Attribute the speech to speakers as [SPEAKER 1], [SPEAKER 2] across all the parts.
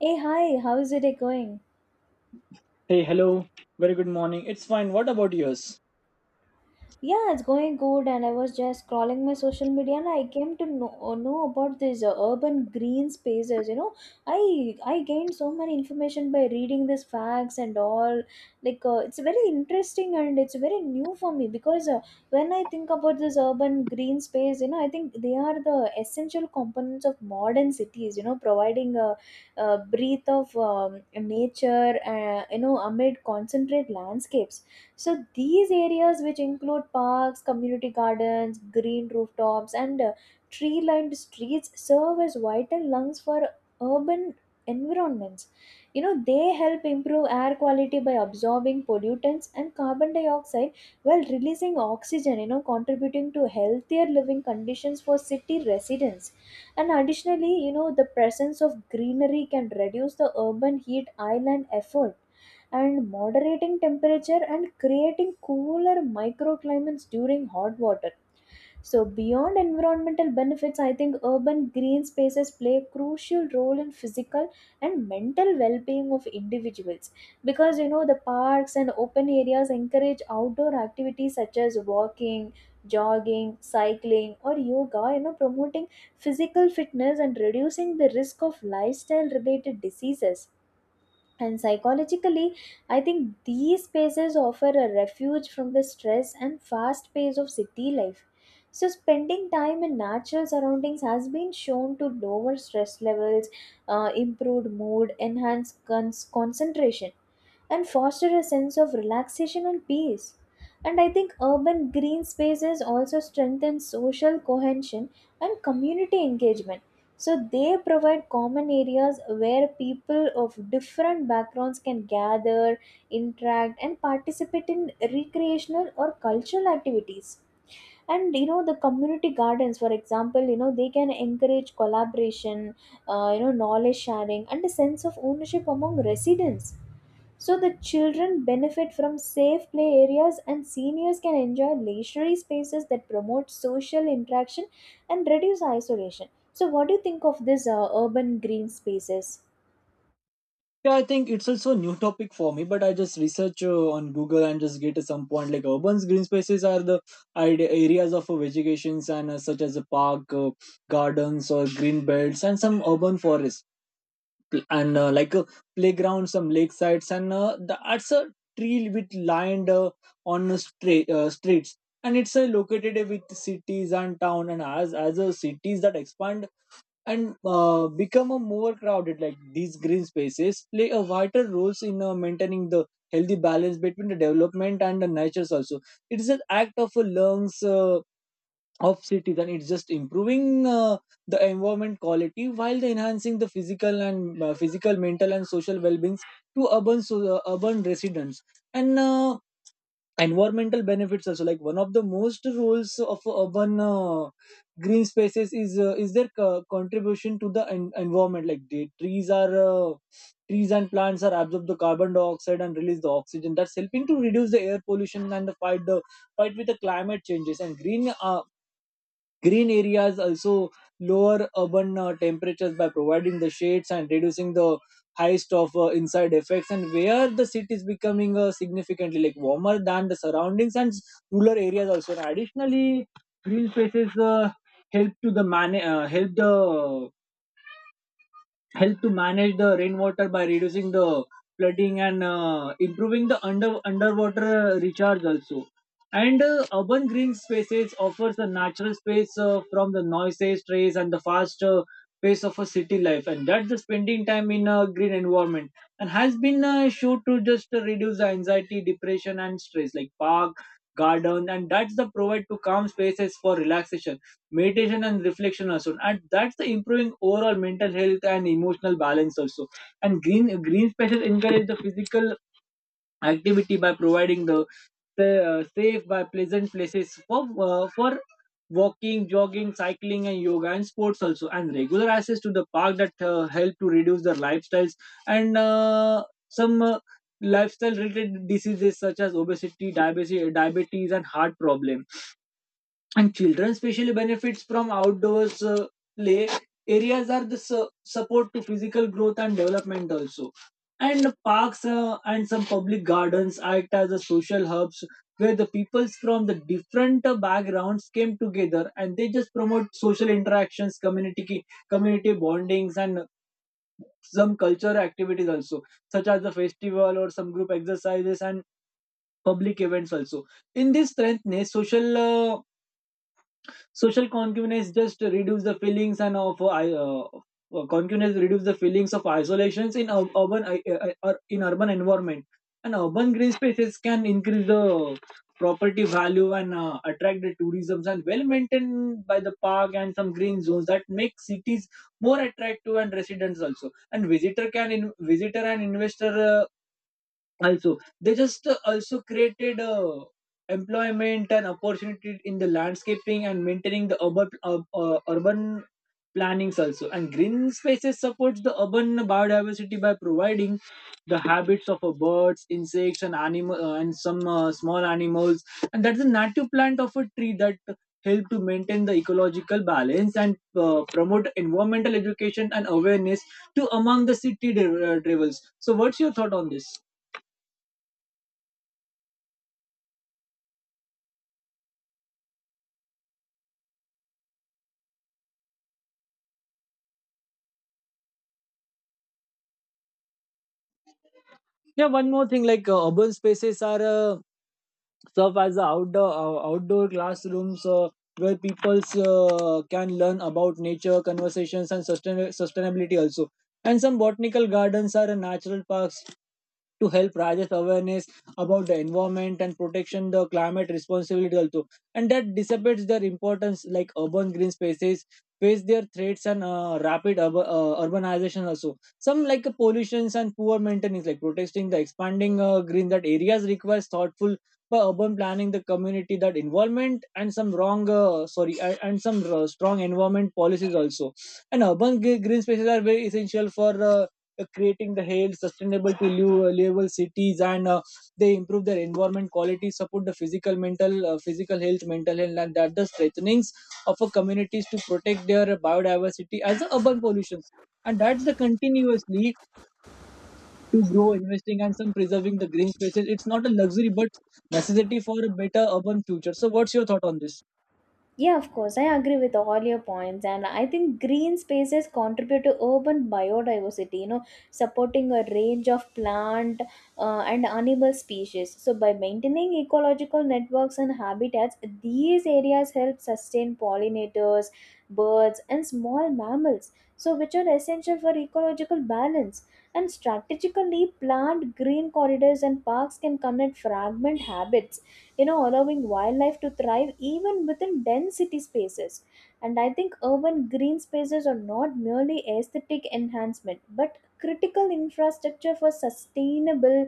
[SPEAKER 1] Hey, hi, how is it going?
[SPEAKER 2] Hey, hello. Very good morning. It's fine. What about yours?
[SPEAKER 1] Yeah, it's going good, and I was just scrolling my social media and I came to know, about these urban green spaces. I gained so many information by reading these facts and all. Like, it's very interesting and it's very new for me because when I think about this urban green space, you know, I think they are the essential components of modern cities. You know, providing a breath of nature, you know, amid concentrate landscapes. So these areas, which include parks, community gardens, green rooftops, and tree-lined streets, serve as vital lungs for urban environments. You know, they help improve air quality by absorbing pollutants and carbon dioxide while releasing oxygen, you know, contributing to healthier living conditions for city residents. And additionally, you know, the presence of greenery can reduce the urban heat island effort and moderating temperature and creating cooler microclimates during hot water. So, beyond environmental benefits, I think urban green spaces play a crucial role in physical and mental well being of individuals because you know the parks and open areas encourage outdoor activities such as walking, jogging, cycling, or yoga, you know, promoting physical fitness and reducing the risk of lifestyle related diseases and psychologically, I think these spaces offer a refuge from the stress and fast pace of city life. So, spending time in natural surroundings has been shown to lower stress levels, improved mood, enhance concentration, and foster a sense of relaxation and peace. And I think urban green spaces also strengthen social cohesion and community engagement, so they provide common areas where people of different backgrounds can gather, interact, and participate in recreational or cultural activities. And you know the community gardens for example, you know, they can encourage collaboration, you know, knowledge sharing and a sense of ownership among residents. So the children benefit from safe play areas and seniors can enjoy leisurely spaces that promote social interaction and reduce isolation. So what do you think of this urban green spaces?
[SPEAKER 2] Yeah, I think it's also a new topic for me, but I just research on Google and just get some point like urban green spaces are the areas of vegetations and such as a park, gardens or green belts and some urban forests. Pl- and Like a playground, some lake sites and that's a tree with lined on the streets, and it's located with cities and town, and as a cities that expand and become a more crowded, like these green spaces play a vital roles in maintaining the healthy balance between the development and the natures also. It is an act of a lungs of cities, and it's just improving the environment quality while the enhancing the physical and physical mental and social well being to urban, so urban residents and environmental benefits also, like one of the most roles of urban green spaces is their contribution to the environment, like the trees are trees and plants are absorb the carbon dioxide and release the oxygen that's helping to reduce the air pollution and the fight with the climate changes and green areas also lower urban temperatures by providing the shades and reducing the highest of inside effects, and where the city is becoming significantly like warmer than the surroundings and rural areas also. And additionally, green spaces help to the man uh, help the help to manage the rainwater by reducing the flooding and improving the under underwater recharge also. And urban green spaces offers a natural space from the noises stress, and the fast pace of a city life, and that's the spending time in a green environment and has been shown to just reduce the anxiety depression and stress, like park garden and that's the provide to calm spaces for relaxation meditation and reflection also, and that's the improving overall mental health and emotional balance also. And green spaces encourage the physical activity by providing the safe by pleasant places for walking jogging cycling and yoga and sports also, and regular access to the park that help to reduce their lifestyles and some lifestyle related diseases such as obesity diabetes diabetes and heart problem, and children especially benefits from outdoors play areas are the su- support to physical growth and development also. And parks and some public gardens act as a social hubs where the peoples from the different backgrounds came together, and they just promote social interactions community community bondings and some cultural activities also, such as the festival or some group exercises and public events also. In this strengthness social, social concubinage just reduce the feelings and of concubinage reduce the feelings of isolations in urban, in urban environment. And urban green spaces can increase the property value and attract the tourism, and well maintained by the park and some green zones that make cities more attractive and residents also, and visitor and investor, also they just also created employment and opportunity in the landscaping and maintaining the urban, urban plannings also. And green spaces supports the urban biodiversity by providing the habits of birds insects and animal, and some small animals, and that's a native plant of a tree that help to maintain the ecological balance and promote environmental education and awareness to among the city travels. So what's your thought on this? Yeah, one more thing, like urban spaces are serve as a outdoor classrooms where people can learn about nature conversations and sustainability also, and some botanical gardens are a natural parks to help raise awareness about the environment and protection the climate responsibility also. And that dissipates their importance, like urban green spaces face their threats and rapid urbanization also, some like pollutions and poor maintenance, like protesting the expanding green that areas requires thoughtful by urban planning the community that involvement and some strong environment policies also. And urban green spaces are very essential for creating the health sustainable to live, livable cities, and they improve their environment quality support the physical mental, physical health mental health, and that the strengthenings of a communities to protect their biodiversity as a urban pollutions, and that's the continuously to grow, investing, and some preserving the green spaces. It's not a luxury, but necessity for a better urban future. So, what's your thought on this?
[SPEAKER 1] Yeah, of course. I agree with all your points, and I think green spaces contribute to urban biodiversity, you know, supporting a range of plant and animal species. So, by maintaining ecological networks and habitats, these areas help sustain pollinators, birds, and small mammals, so which are essential for ecological balance. And strategically, plant green corridors and parks can connect fragment habits, you know, allowing wildlife to thrive even within dense city spaces. And I think urban green spaces are not merely aesthetic enhancement but critical infrastructure for sustainable,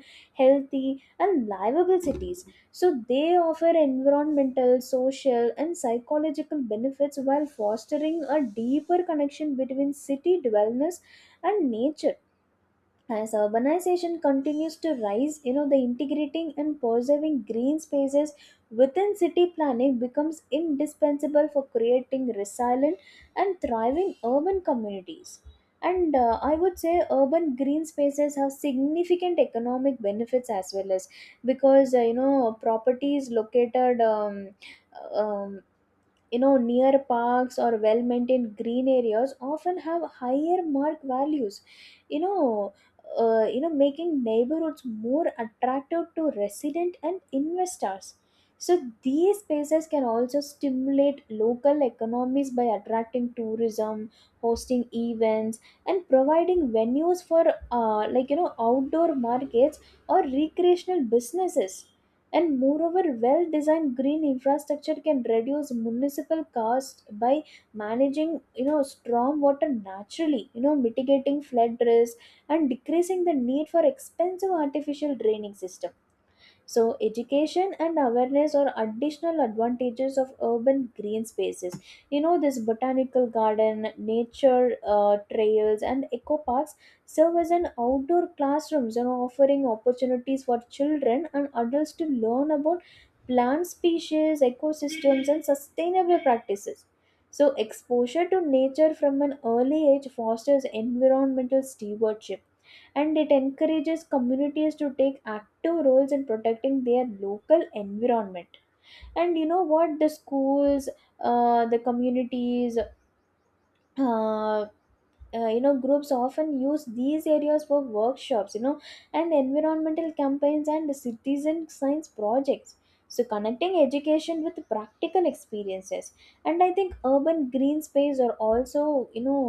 [SPEAKER 1] healthy and livable cities. So they offer environmental, social and psychological benefits while fostering a deeper connection between city dwellers and nature. As urbanization continues to rise, you know, the integrating and preserving green spaces within city planning becomes indispensable for creating resilient and thriving urban communities. And I would say urban green spaces have significant economic benefits as well, as because you know properties located um, you know near parks or well maintained green areas often have higher mark values, you know you know, making neighborhoods more attractive to resident and investors. So these spaces can also stimulate local economies by attracting tourism, hosting events, and providing venues for like, you know, outdoor markets or recreational businesses. And moreover, well designed green infrastructure can reduce municipal cost by managing, you know, storm water naturally, you know, mitigating flood risk and decreasing the need for expensive artificial draining system. So, education and awareness are additional advantages of urban green spaces. You know, this botanical garden, nature trails, and eco parks serve as an outdoor classrooms, you know, offering opportunities for children and adults to learn about plant species, ecosystems, and sustainable practices. So, exposure to nature from an early age fosters environmental stewardship and it encourages communities to take active roles in protecting their local environment. And you know what, the schools, the communities, uh, you know, groups often use these areas for workshops, you know, and environmental campaigns and citizen science projects, so connecting education with practical experiences. And I think urban green space are also, you know,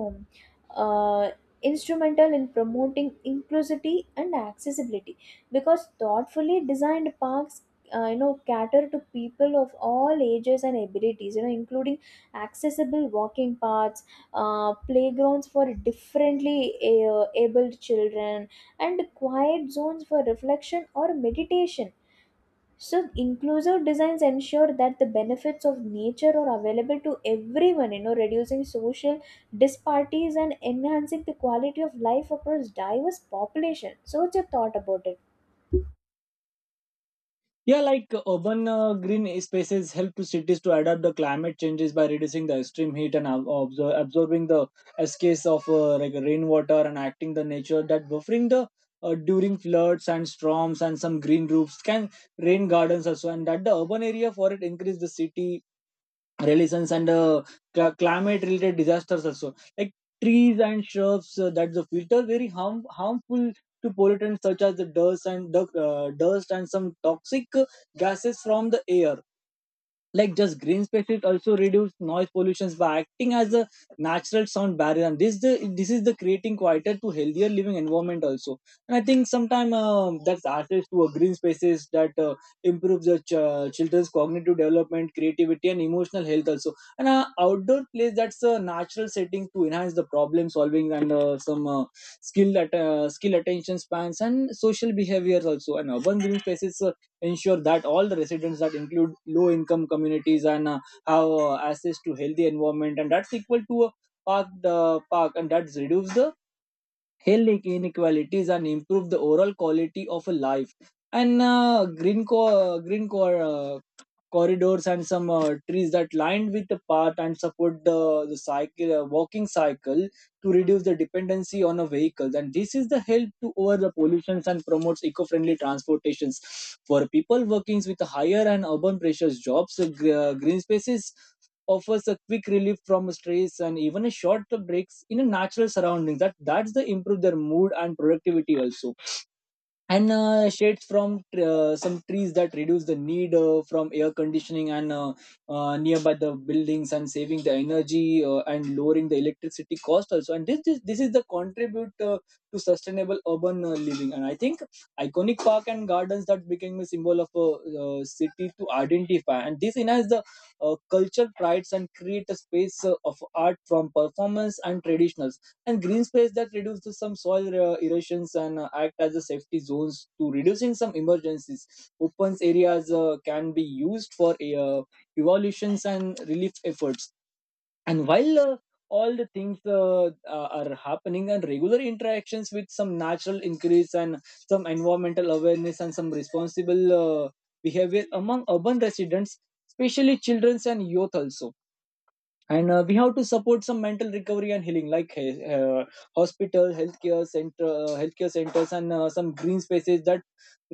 [SPEAKER 1] uh, instrumental in promoting inclusivity and accessibility, because thoughtfully designed parks, you know, cater to people of all ages and abilities, you know, including accessible walking paths, playgrounds for differently abled children, and quiet zones for reflection or meditation. So, inclusive designs ensure that the benefits of nature are available to everyone, you know, reducing social disparities and enhancing the quality of life across diverse population. So, what's your thought about it?
[SPEAKER 2] Yeah, like urban green spaces help to cities to adapt the climate changes by reducing the extreme heat and absorbing the escapes of like rainwater and acting the nature that buffering the during floods and storms, and some green roofs can rain gardens also, and that the urban area for it increase the city religions and climate related disasters also, like trees and shrubs that the filter very harmful to pollutants such as the dust and dust and some toxic gases from the air, like just green spaces also reduce noise pollutions by acting as a natural sound barrier, and this is the creating quieter to healthier living environment also. And I think sometimes, that's access to a green spaces that improves the children's cognitive development creativity and emotional health also. And outdoor place that's a natural setting to enhance the problem solving and some skill at skill attention spans and social behaviors also. And urban green spaces ensure that all the residents that include low income communities and have access to healthy environment, and that's equal to a park the park, and that's reduce the health inequalities and improve the overall quality of a life. And green core corridors and some trees that lined with the path and support the cycle walking cycle to reduce the dependency on a vehicle, and this is the help to over the pollutions and promotes eco-friendly transportations for people working with higher and urban pressures jobs. Green spaces offers a quick relief from stress, and even a short breaks in a natural surroundings that that's the improve their mood and productivity also. And shades from some trees that reduce the need from air conditioning and nearby the buildings and saving the energy and lowering the electricity cost also, and this is the contribute to sustainable urban living. And I think iconic park and gardens that became a symbol of a city to identify, and this enhance the culture prides and create a space of art from performance and traditionals. And green space that reduces some soil erosions and act as a safety zones to reducing some emergencies, open areas can be used for uh, evaluations and relief efforts. And while all the things are happening, and regular interactions with some natural increase and some environmental awareness and some responsible behavior among urban residents, especially children and youth also. And we have to support some mental recovery and healing, like hospital healthcare centers and some green spaces that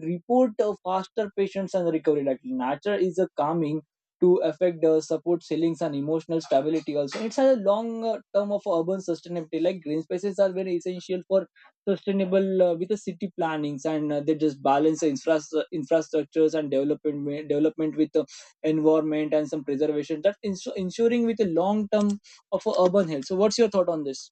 [SPEAKER 2] report faster patients and recovery, like nature is a calming to affect supports healings and emotional stability also. It's a long term of urban sustainability, like green spaces are very essential for sustainable with the city plannings, and they just balance the infrastructures and development with environment and some preservation that ensuring with a long term of a urban health. So what's your thought on this?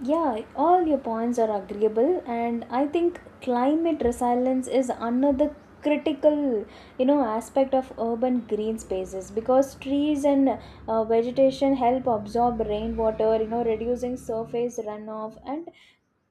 [SPEAKER 1] Yeah, all your points are agreeable, and I think climate resilience is another critical, you know, aspect of urban green spaces because trees and vegetation help absorb rainwater, you know, reducing surface runoff and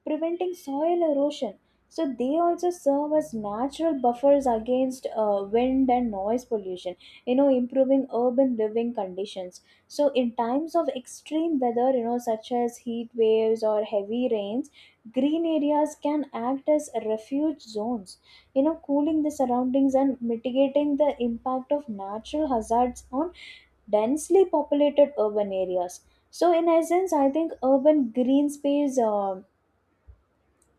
[SPEAKER 1] preventing soil erosion. So they also serve as natural buffers against wind and noise pollution, you know, improving urban living conditions. So in times of extreme weather, you know, such as heat waves or heavy rains, green areas can act as refuge zones, you know, cooling the surroundings and mitigating the impact of natural hazards on densely populated urban areas. So in essence, I think urban green space. Um,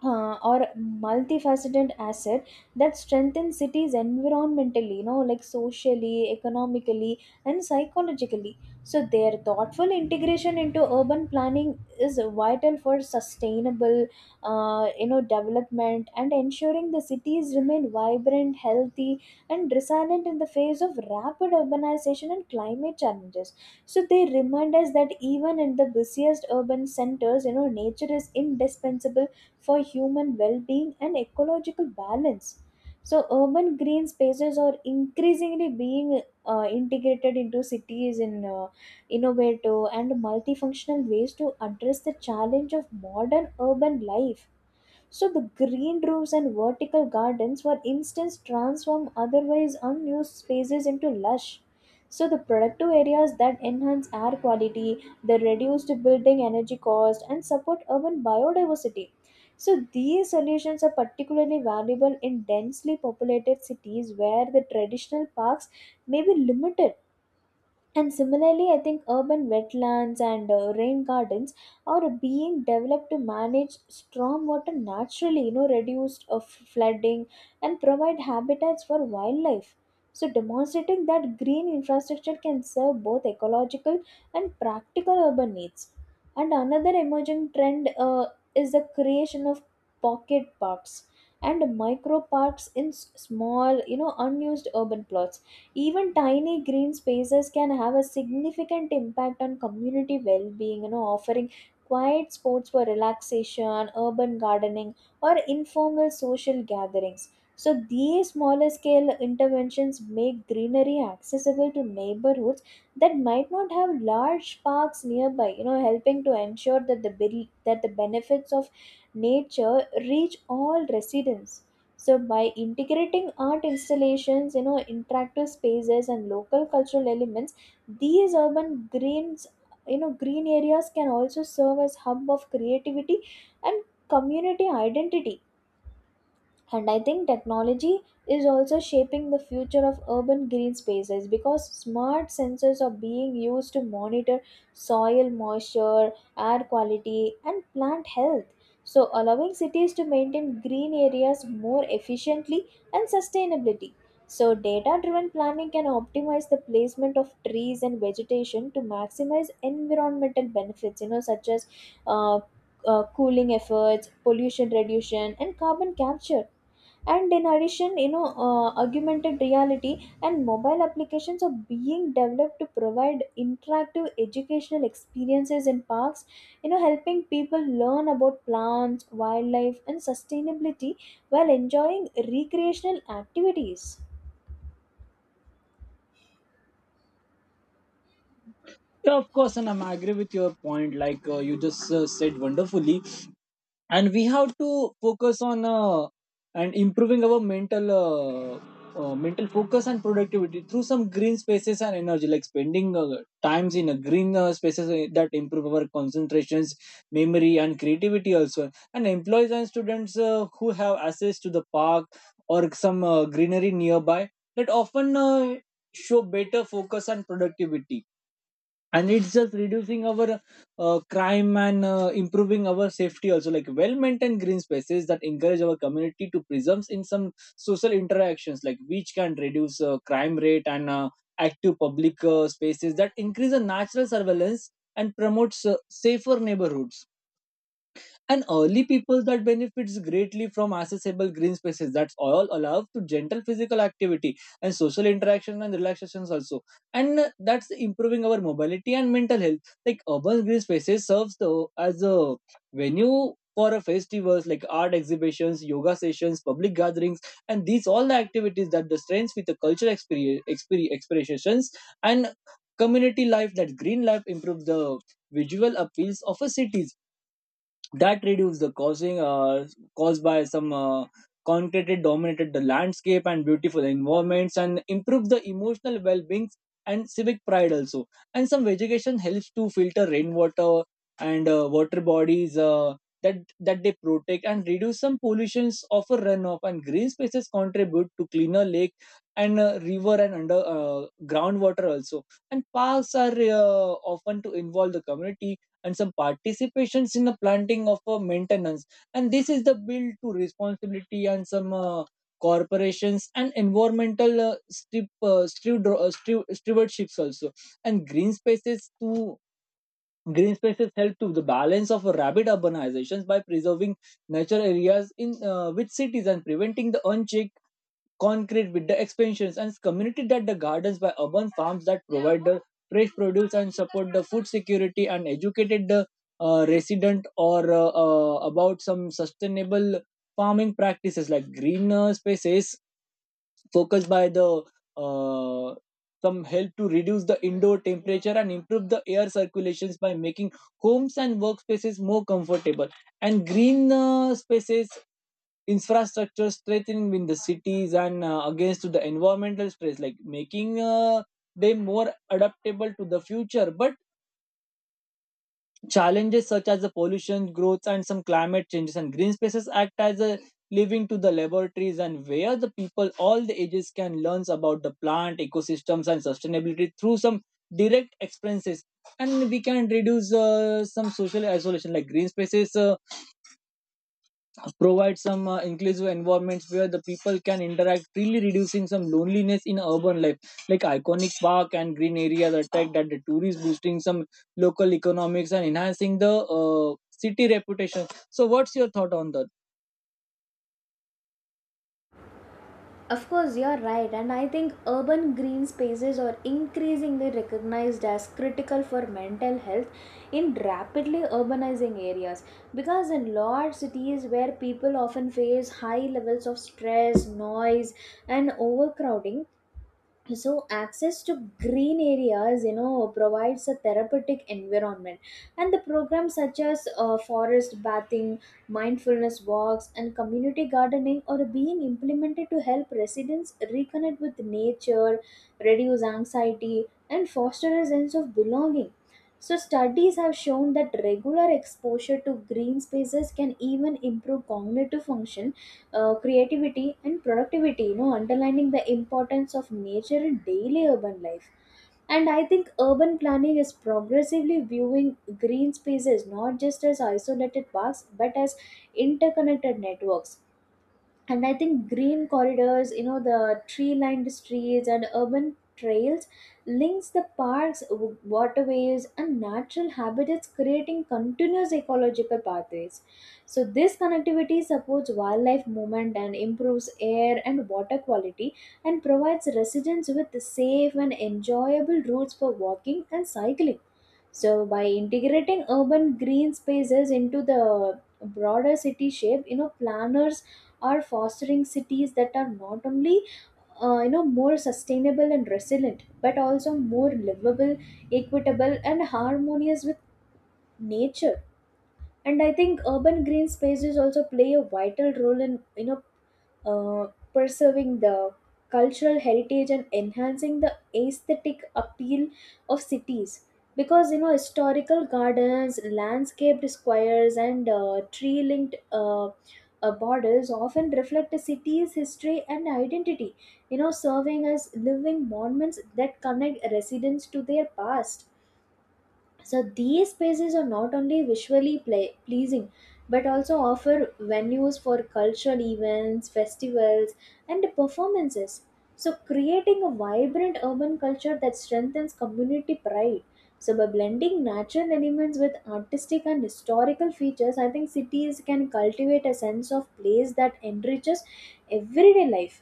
[SPEAKER 1] uh, Or multifaceted asset that strengthens cities environmentally, you know, like socially, economically and psychologically. So their thoughtful integration into urban planning is vital for sustainable, you know, development and ensuring the cities remain vibrant, healthy and resilient in the face of rapid urbanization and climate challenges. So they remind us that even in the busiest urban centers, you know, nature is indispensable for human well-being and ecological balance. So urban green spaces are increasingly being integrated into cities in innovative and multifunctional ways to address the challenge of modern urban life. So the green roofs and vertical gardens were instance transform otherwise unused spaces into lush. So the productive areas that enhance air quality, they reduced building energy cost and support urban biodiversity. So these solutions are particularly valuable in densely populated cities where the traditional parks may be limited. And similarly, I think urban wetlands and rain gardens are being developed to manage stormwater naturally, you know, reduce flooding and provide habitats for wildlife. So, demonstrating that green infrastructure can serve both ecological and practical urban needs. And another emerging trend is the creation of pocket parks and micro parks in small, you know, unused urban plots. Even tiny green spaces can have a significant impact on community well-being, you know, offering quiet spots for relaxation, urban gardening, or informal social gatherings. So these smaller scale interventions make greenery accessible to neighborhoods that might not have large parks nearby, you know, helping to ensure that the benefits of nature reach all residents. So by integrating art installations, you know, interactive spaces and local cultural elements, these urban greens, you know, green areas can also serve as hub of creativity and community identity. And I think technology is also shaping the future of urban green spaces because smart sensors are being used to monitor soil moisture, air quality, and plant health. So, allowing cities to maintain green areas more efficiently and sustainability. So, data driven planning can optimize the placement of trees and vegetation to maximize environmental benefits, you know, such as uh, cooling efforts, pollution reduction, and carbon capture. And in addition, you know, augmented reality and mobile applications are being developed to provide interactive educational experiences in parks, you know, helping people learn about plants, wildlife and sustainability while enjoying recreational activities.
[SPEAKER 2] Yeah, of course, and I'm agree with your point, like you just said wonderfully, and we have to focus on and improving our mental, mental focus and productivity through some green spaces and energy, like spending times in a green spaces that improve our concentrations memory and creativity also. And employees and students who have access to the park or some greenery nearby, that often show better focus and productivity. And it's just reducing our crime and improving our safety also, like well maintained green spaces that encourage our community to presume in some social interactions, like which can reduce crime rate and active public spaces that increase the Natural surveillance and promotes safer neighborhoods. And early people that benefits greatly from accessible green spaces that's all allowed to gentle physical activity and social interaction and relaxations also, and that's improving our mobility and mental health. Like urban green spaces serves the, as a venue for a festivals like art exhibitions, yoga sessions, public gatherings, and these all the activities that the strengths with the cultural experience, expressions and community life. That green life improves the visual appeals of a city, that reduce the causing caused by some concrete dominated the landscape and beautiful environments, and improve the emotional well-being and civic pride also. And some vegetation helps to filter rainwater and water bodies, that they protect and reduce some pollutions of a runoff. And green spaces contribute to cleaner lake and river and under groundwater also. And parks are often to involve the community and some participations in the planting of maintenance. And this is the bill to responsibility and some corporations and environmental stewardships also. And green spaces help to the balance of rapid urbanizations by preserving nature areas in with cities, and preventing the unchecked concrete with the expansions. And community that the gardens by urban farms that provide the fresh produce and support the food security, and educated the resident or about some sustainable farming practices. Like green spaces focused by the uh, some help to reduce the indoor temperature and improve the air circulations by making homes and workspaces more comfortable. And green spaces infrastructure strengthening in the cities and against to the environmental stress, like making them more adaptable to the future, but challenges such as the pollution growth and some climate changes. And green spaces act as a living to the laboratories, and where the people all the ages can learn about the plant ecosystems and sustainability through some direct experiences. And we can reduce some social isolation. Like green spaces provide some inclusive environments where the people can interact, really reducing some loneliness in urban life. Like iconic park and green areas attract that the tourists, boosting some local economics and enhancing the city reputation. So what's your thought on that?
[SPEAKER 1] Of course, you're right, and I think urban green spaces are increasingly recognized as critical for mental health in rapidly urbanizing areas because in large cities where people often face high levels of stress, noise, and overcrowding, so access to green areas, you know, provides a therapeutic environment. And the programs such as forest bathing, mindfulness walks and community gardening are being implemented to help residents reconnect with nature, reduce anxiety and foster a sense of belonging. So studies have shown that regular exposure to green spaces can even improve cognitive function, creativity and productivity, you know, underlining the importance of nature in daily urban life. And I think urban planning is progressively viewing green spaces not just as isolated parks but as interconnected networks. And I think green corridors, you know, the tree lined streets and urban trails links the parks, waterways and natural habitats, creating continuous ecological pathways. So this connectivity supports wildlife movement and improves air and water quality and provides residents with safe and enjoyable routes for walking and cycling. So by integrating urban green spaces into the broader city shape, you know, planners are fostering cities that are not only, you know, more sustainable and resilient, but also more livable, equitable, and harmonious with nature. And I think urban green spaces also play a vital role in, you know, preserving the cultural heritage and enhancing the aesthetic appeal of cities because, you know, historical gardens, landscaped squares and tree linked, borders often reflect a city's history and identity, you know, serving as living monuments that connect residents to their past. So these spaces are not only visually pleasing but also offer venues for cultural events, festivals, and performances. So creating a vibrant urban culture that strengthens community pride. So by blending natural elements with artistic and historical features, I think cities can cultivate a sense of place that enriches everyday life.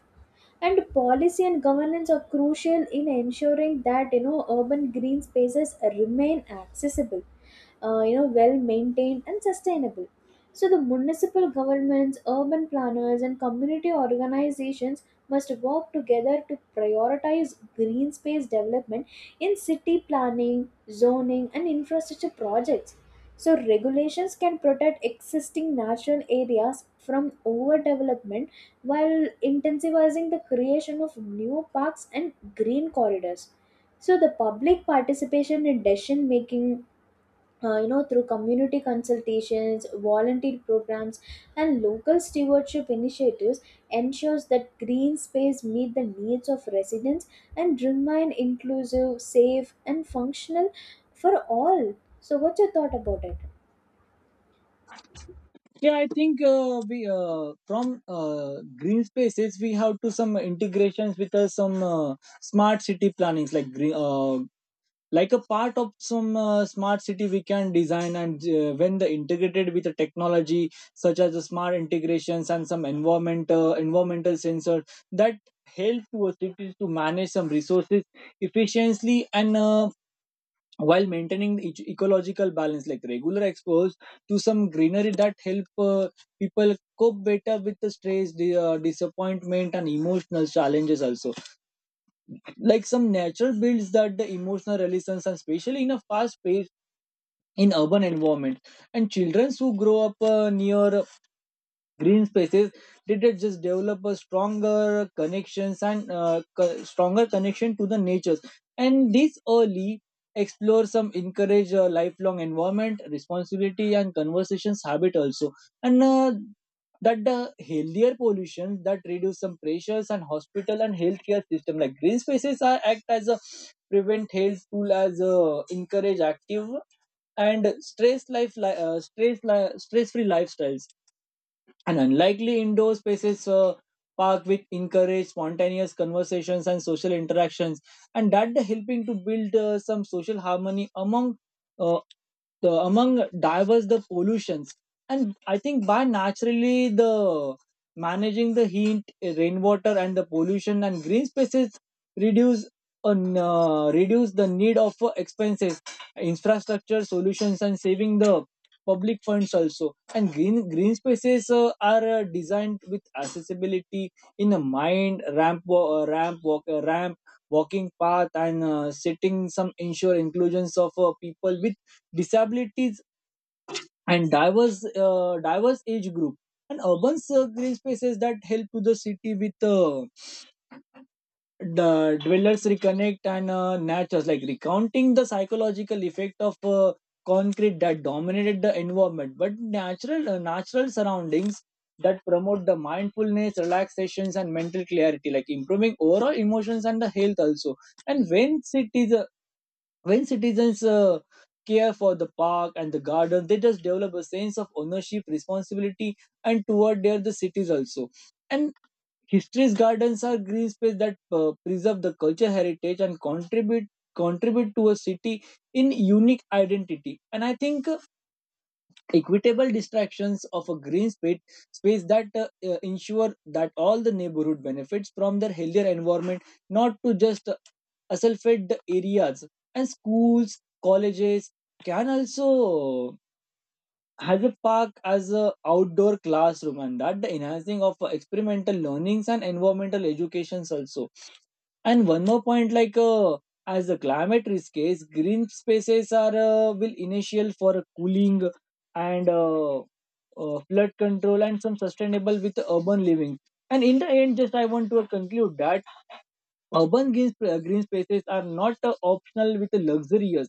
[SPEAKER 1] And policy and governance are crucial in ensuring that, you know, urban green spaces remain accessible, you know, well maintained and sustainable. So the municipal governments, urban planners and community organizations must work together to prioritize green space development in city planning, zoning and infrastructure projects. So regulations can protect existing natural areas from overdevelopment while intensifying the creation of new parks and green corridors. So the public participation in decision making, you know, through community consultations, volunteer programs, and local stewardship initiatives ensures that green space meet the needs of residents and remain inclusive, safe, and functional for all. So, what's your thought about it?
[SPEAKER 2] Yeah, I think we from green spaces we have to some integrations with some smart city plannings. Like like a part of some smart city we can design, and when the integrated with the technology such as the smart integrations and some environmental sensors that help to cities to manage some resources efficiently. And while maintaining the ecological balance. Like regular exposure to some greenery that help people cope better with the stress, the disappointment and emotional challenges also. Like some natural builds that the emotional resilience, and especially in a fast in urban environment. And children who grow up near green spaces did it just develop a stronger connections and stronger connection to the natures. And these early explore some encourage lifelong environment responsibility and conversations habit also. And that the healthier pollution that reduce some pressures and hospital and healthcare system. Like green spaces are act as a prevent health tool as a encourage active and stress life li- stress li- stress free lifestyles. And unlikely indoor spaces park with encourage spontaneous conversations and social interactions, and that the helping to build some social harmony among uh, the among diverse the pollutions. And I think by naturally the managing the heat, rainwater and the pollution, and green spaces reduce on reduce the need of expenses infrastructure solutions and saving the public funds also. And green spaces are designed with accessibility in a mind ramp ramp walk ramp walking path and setting some ensure inclusions of people disabilities and diverse age group. And urban green spaces that help to the city with the dwellers reconnect and natures. Like recounting the psychological effect of concrete that dominated the environment, but natural surroundings that promote the mindfulness relaxations and mental clarity, like improving overall emotions and the health also. And when citizens care for the park and the garden, they just develop a sense of ownership responsibility and toward their the cities also. And history's gardens are green space that preserve the culture heritage and contribute to a city in unique identity. And I think equitable distractions of a space that ensure that all the neighborhood benefits from their healthier environment, not to just assaulted the areas. And schools, colleges can also has a park as a outdoor classroom, and that the enhancing of experimental learnings and environmental educations also. And one more point, like as the climate risk is green spaces are will initial for cooling and flood control and some sustainable with urban living. And in the end just I want to conclude that urban green spaces are not optional with luxurious.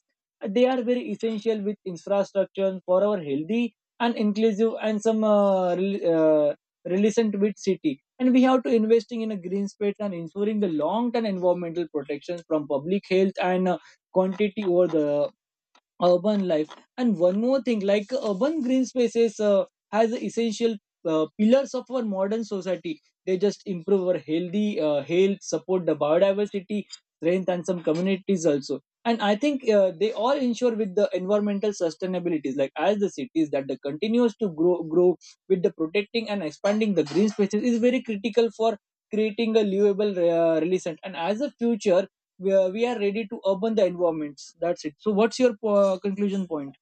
[SPEAKER 2] They are very essential with infrastructure for our healthy and inclusive and some relevant with city, and we have to investing in a green space and ensuring the long term environmental protections from public health and quantity over the urban life. And one more thing, like urban green spaces has the essential pillars of our modern society. They just improve our healthy health, support the biodiversity strength and some communities also. And I think they all ensure with the environmental sustainabilities. Like as the cities that the continues to grow with the protecting and expanding the green spaces is very critical for creating a livable relation, and as a future we are ready to urban the environments. That's it. So what's your conclusion point?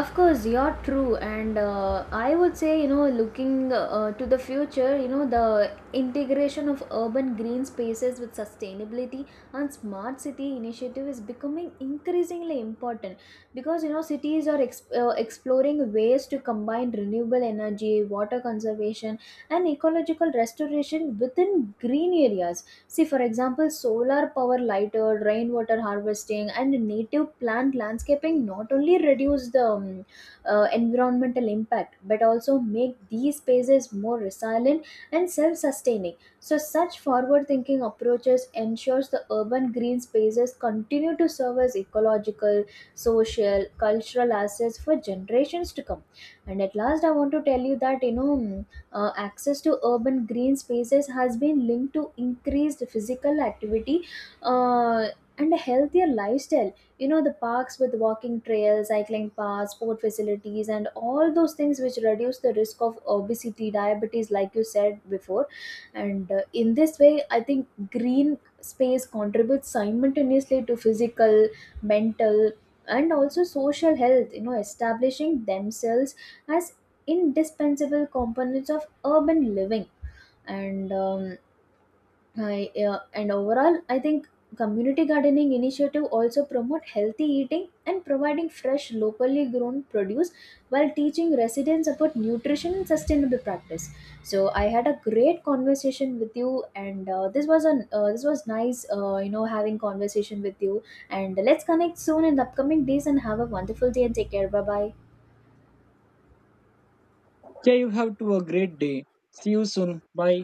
[SPEAKER 1] Of course, you're true, and I would say, you know, looking to the future, you know, the integration of urban green spaces with sustainability and smart city initiative is becoming increasingly important because, you know, cities are exploring ways to combine renewable energy, water conservation, and ecological restoration within green areas. See, for example, solar power lighter, rainwater harvesting, and native plant landscaping not only reduce the environmental impact but also make these spaces more resilient and self sustaining. So, such forward thinking approaches ensures the urban green spaces continue to serve as ecological, social, cultural assets for generations to come. And at last, I want to tell you that, you know. Access to urban green spaces has been linked to increased physical activity uh, and a healthier lifestyle. You know, the parks with walking trails, cycling paths, sport facilities, and all those things which reduce the risk of obesity, diabetes, like you said before. And in this way, I think green space contributes simultaneously to physical, mental, and also social health, you know, establishing themselves as indispensable components of urban living. And and overall, I think community gardening initiative also promote healthy eating and providing fresh locally grown produce while teaching residents about nutrition and sustainable practice. So I had a great conversation with you, and this was nice, you know, having conversation with you, and let's connect soon in the upcoming days and have a wonderful day and take care. Bye bye.
[SPEAKER 2] Jay, you have to a great day. See you soon, bye.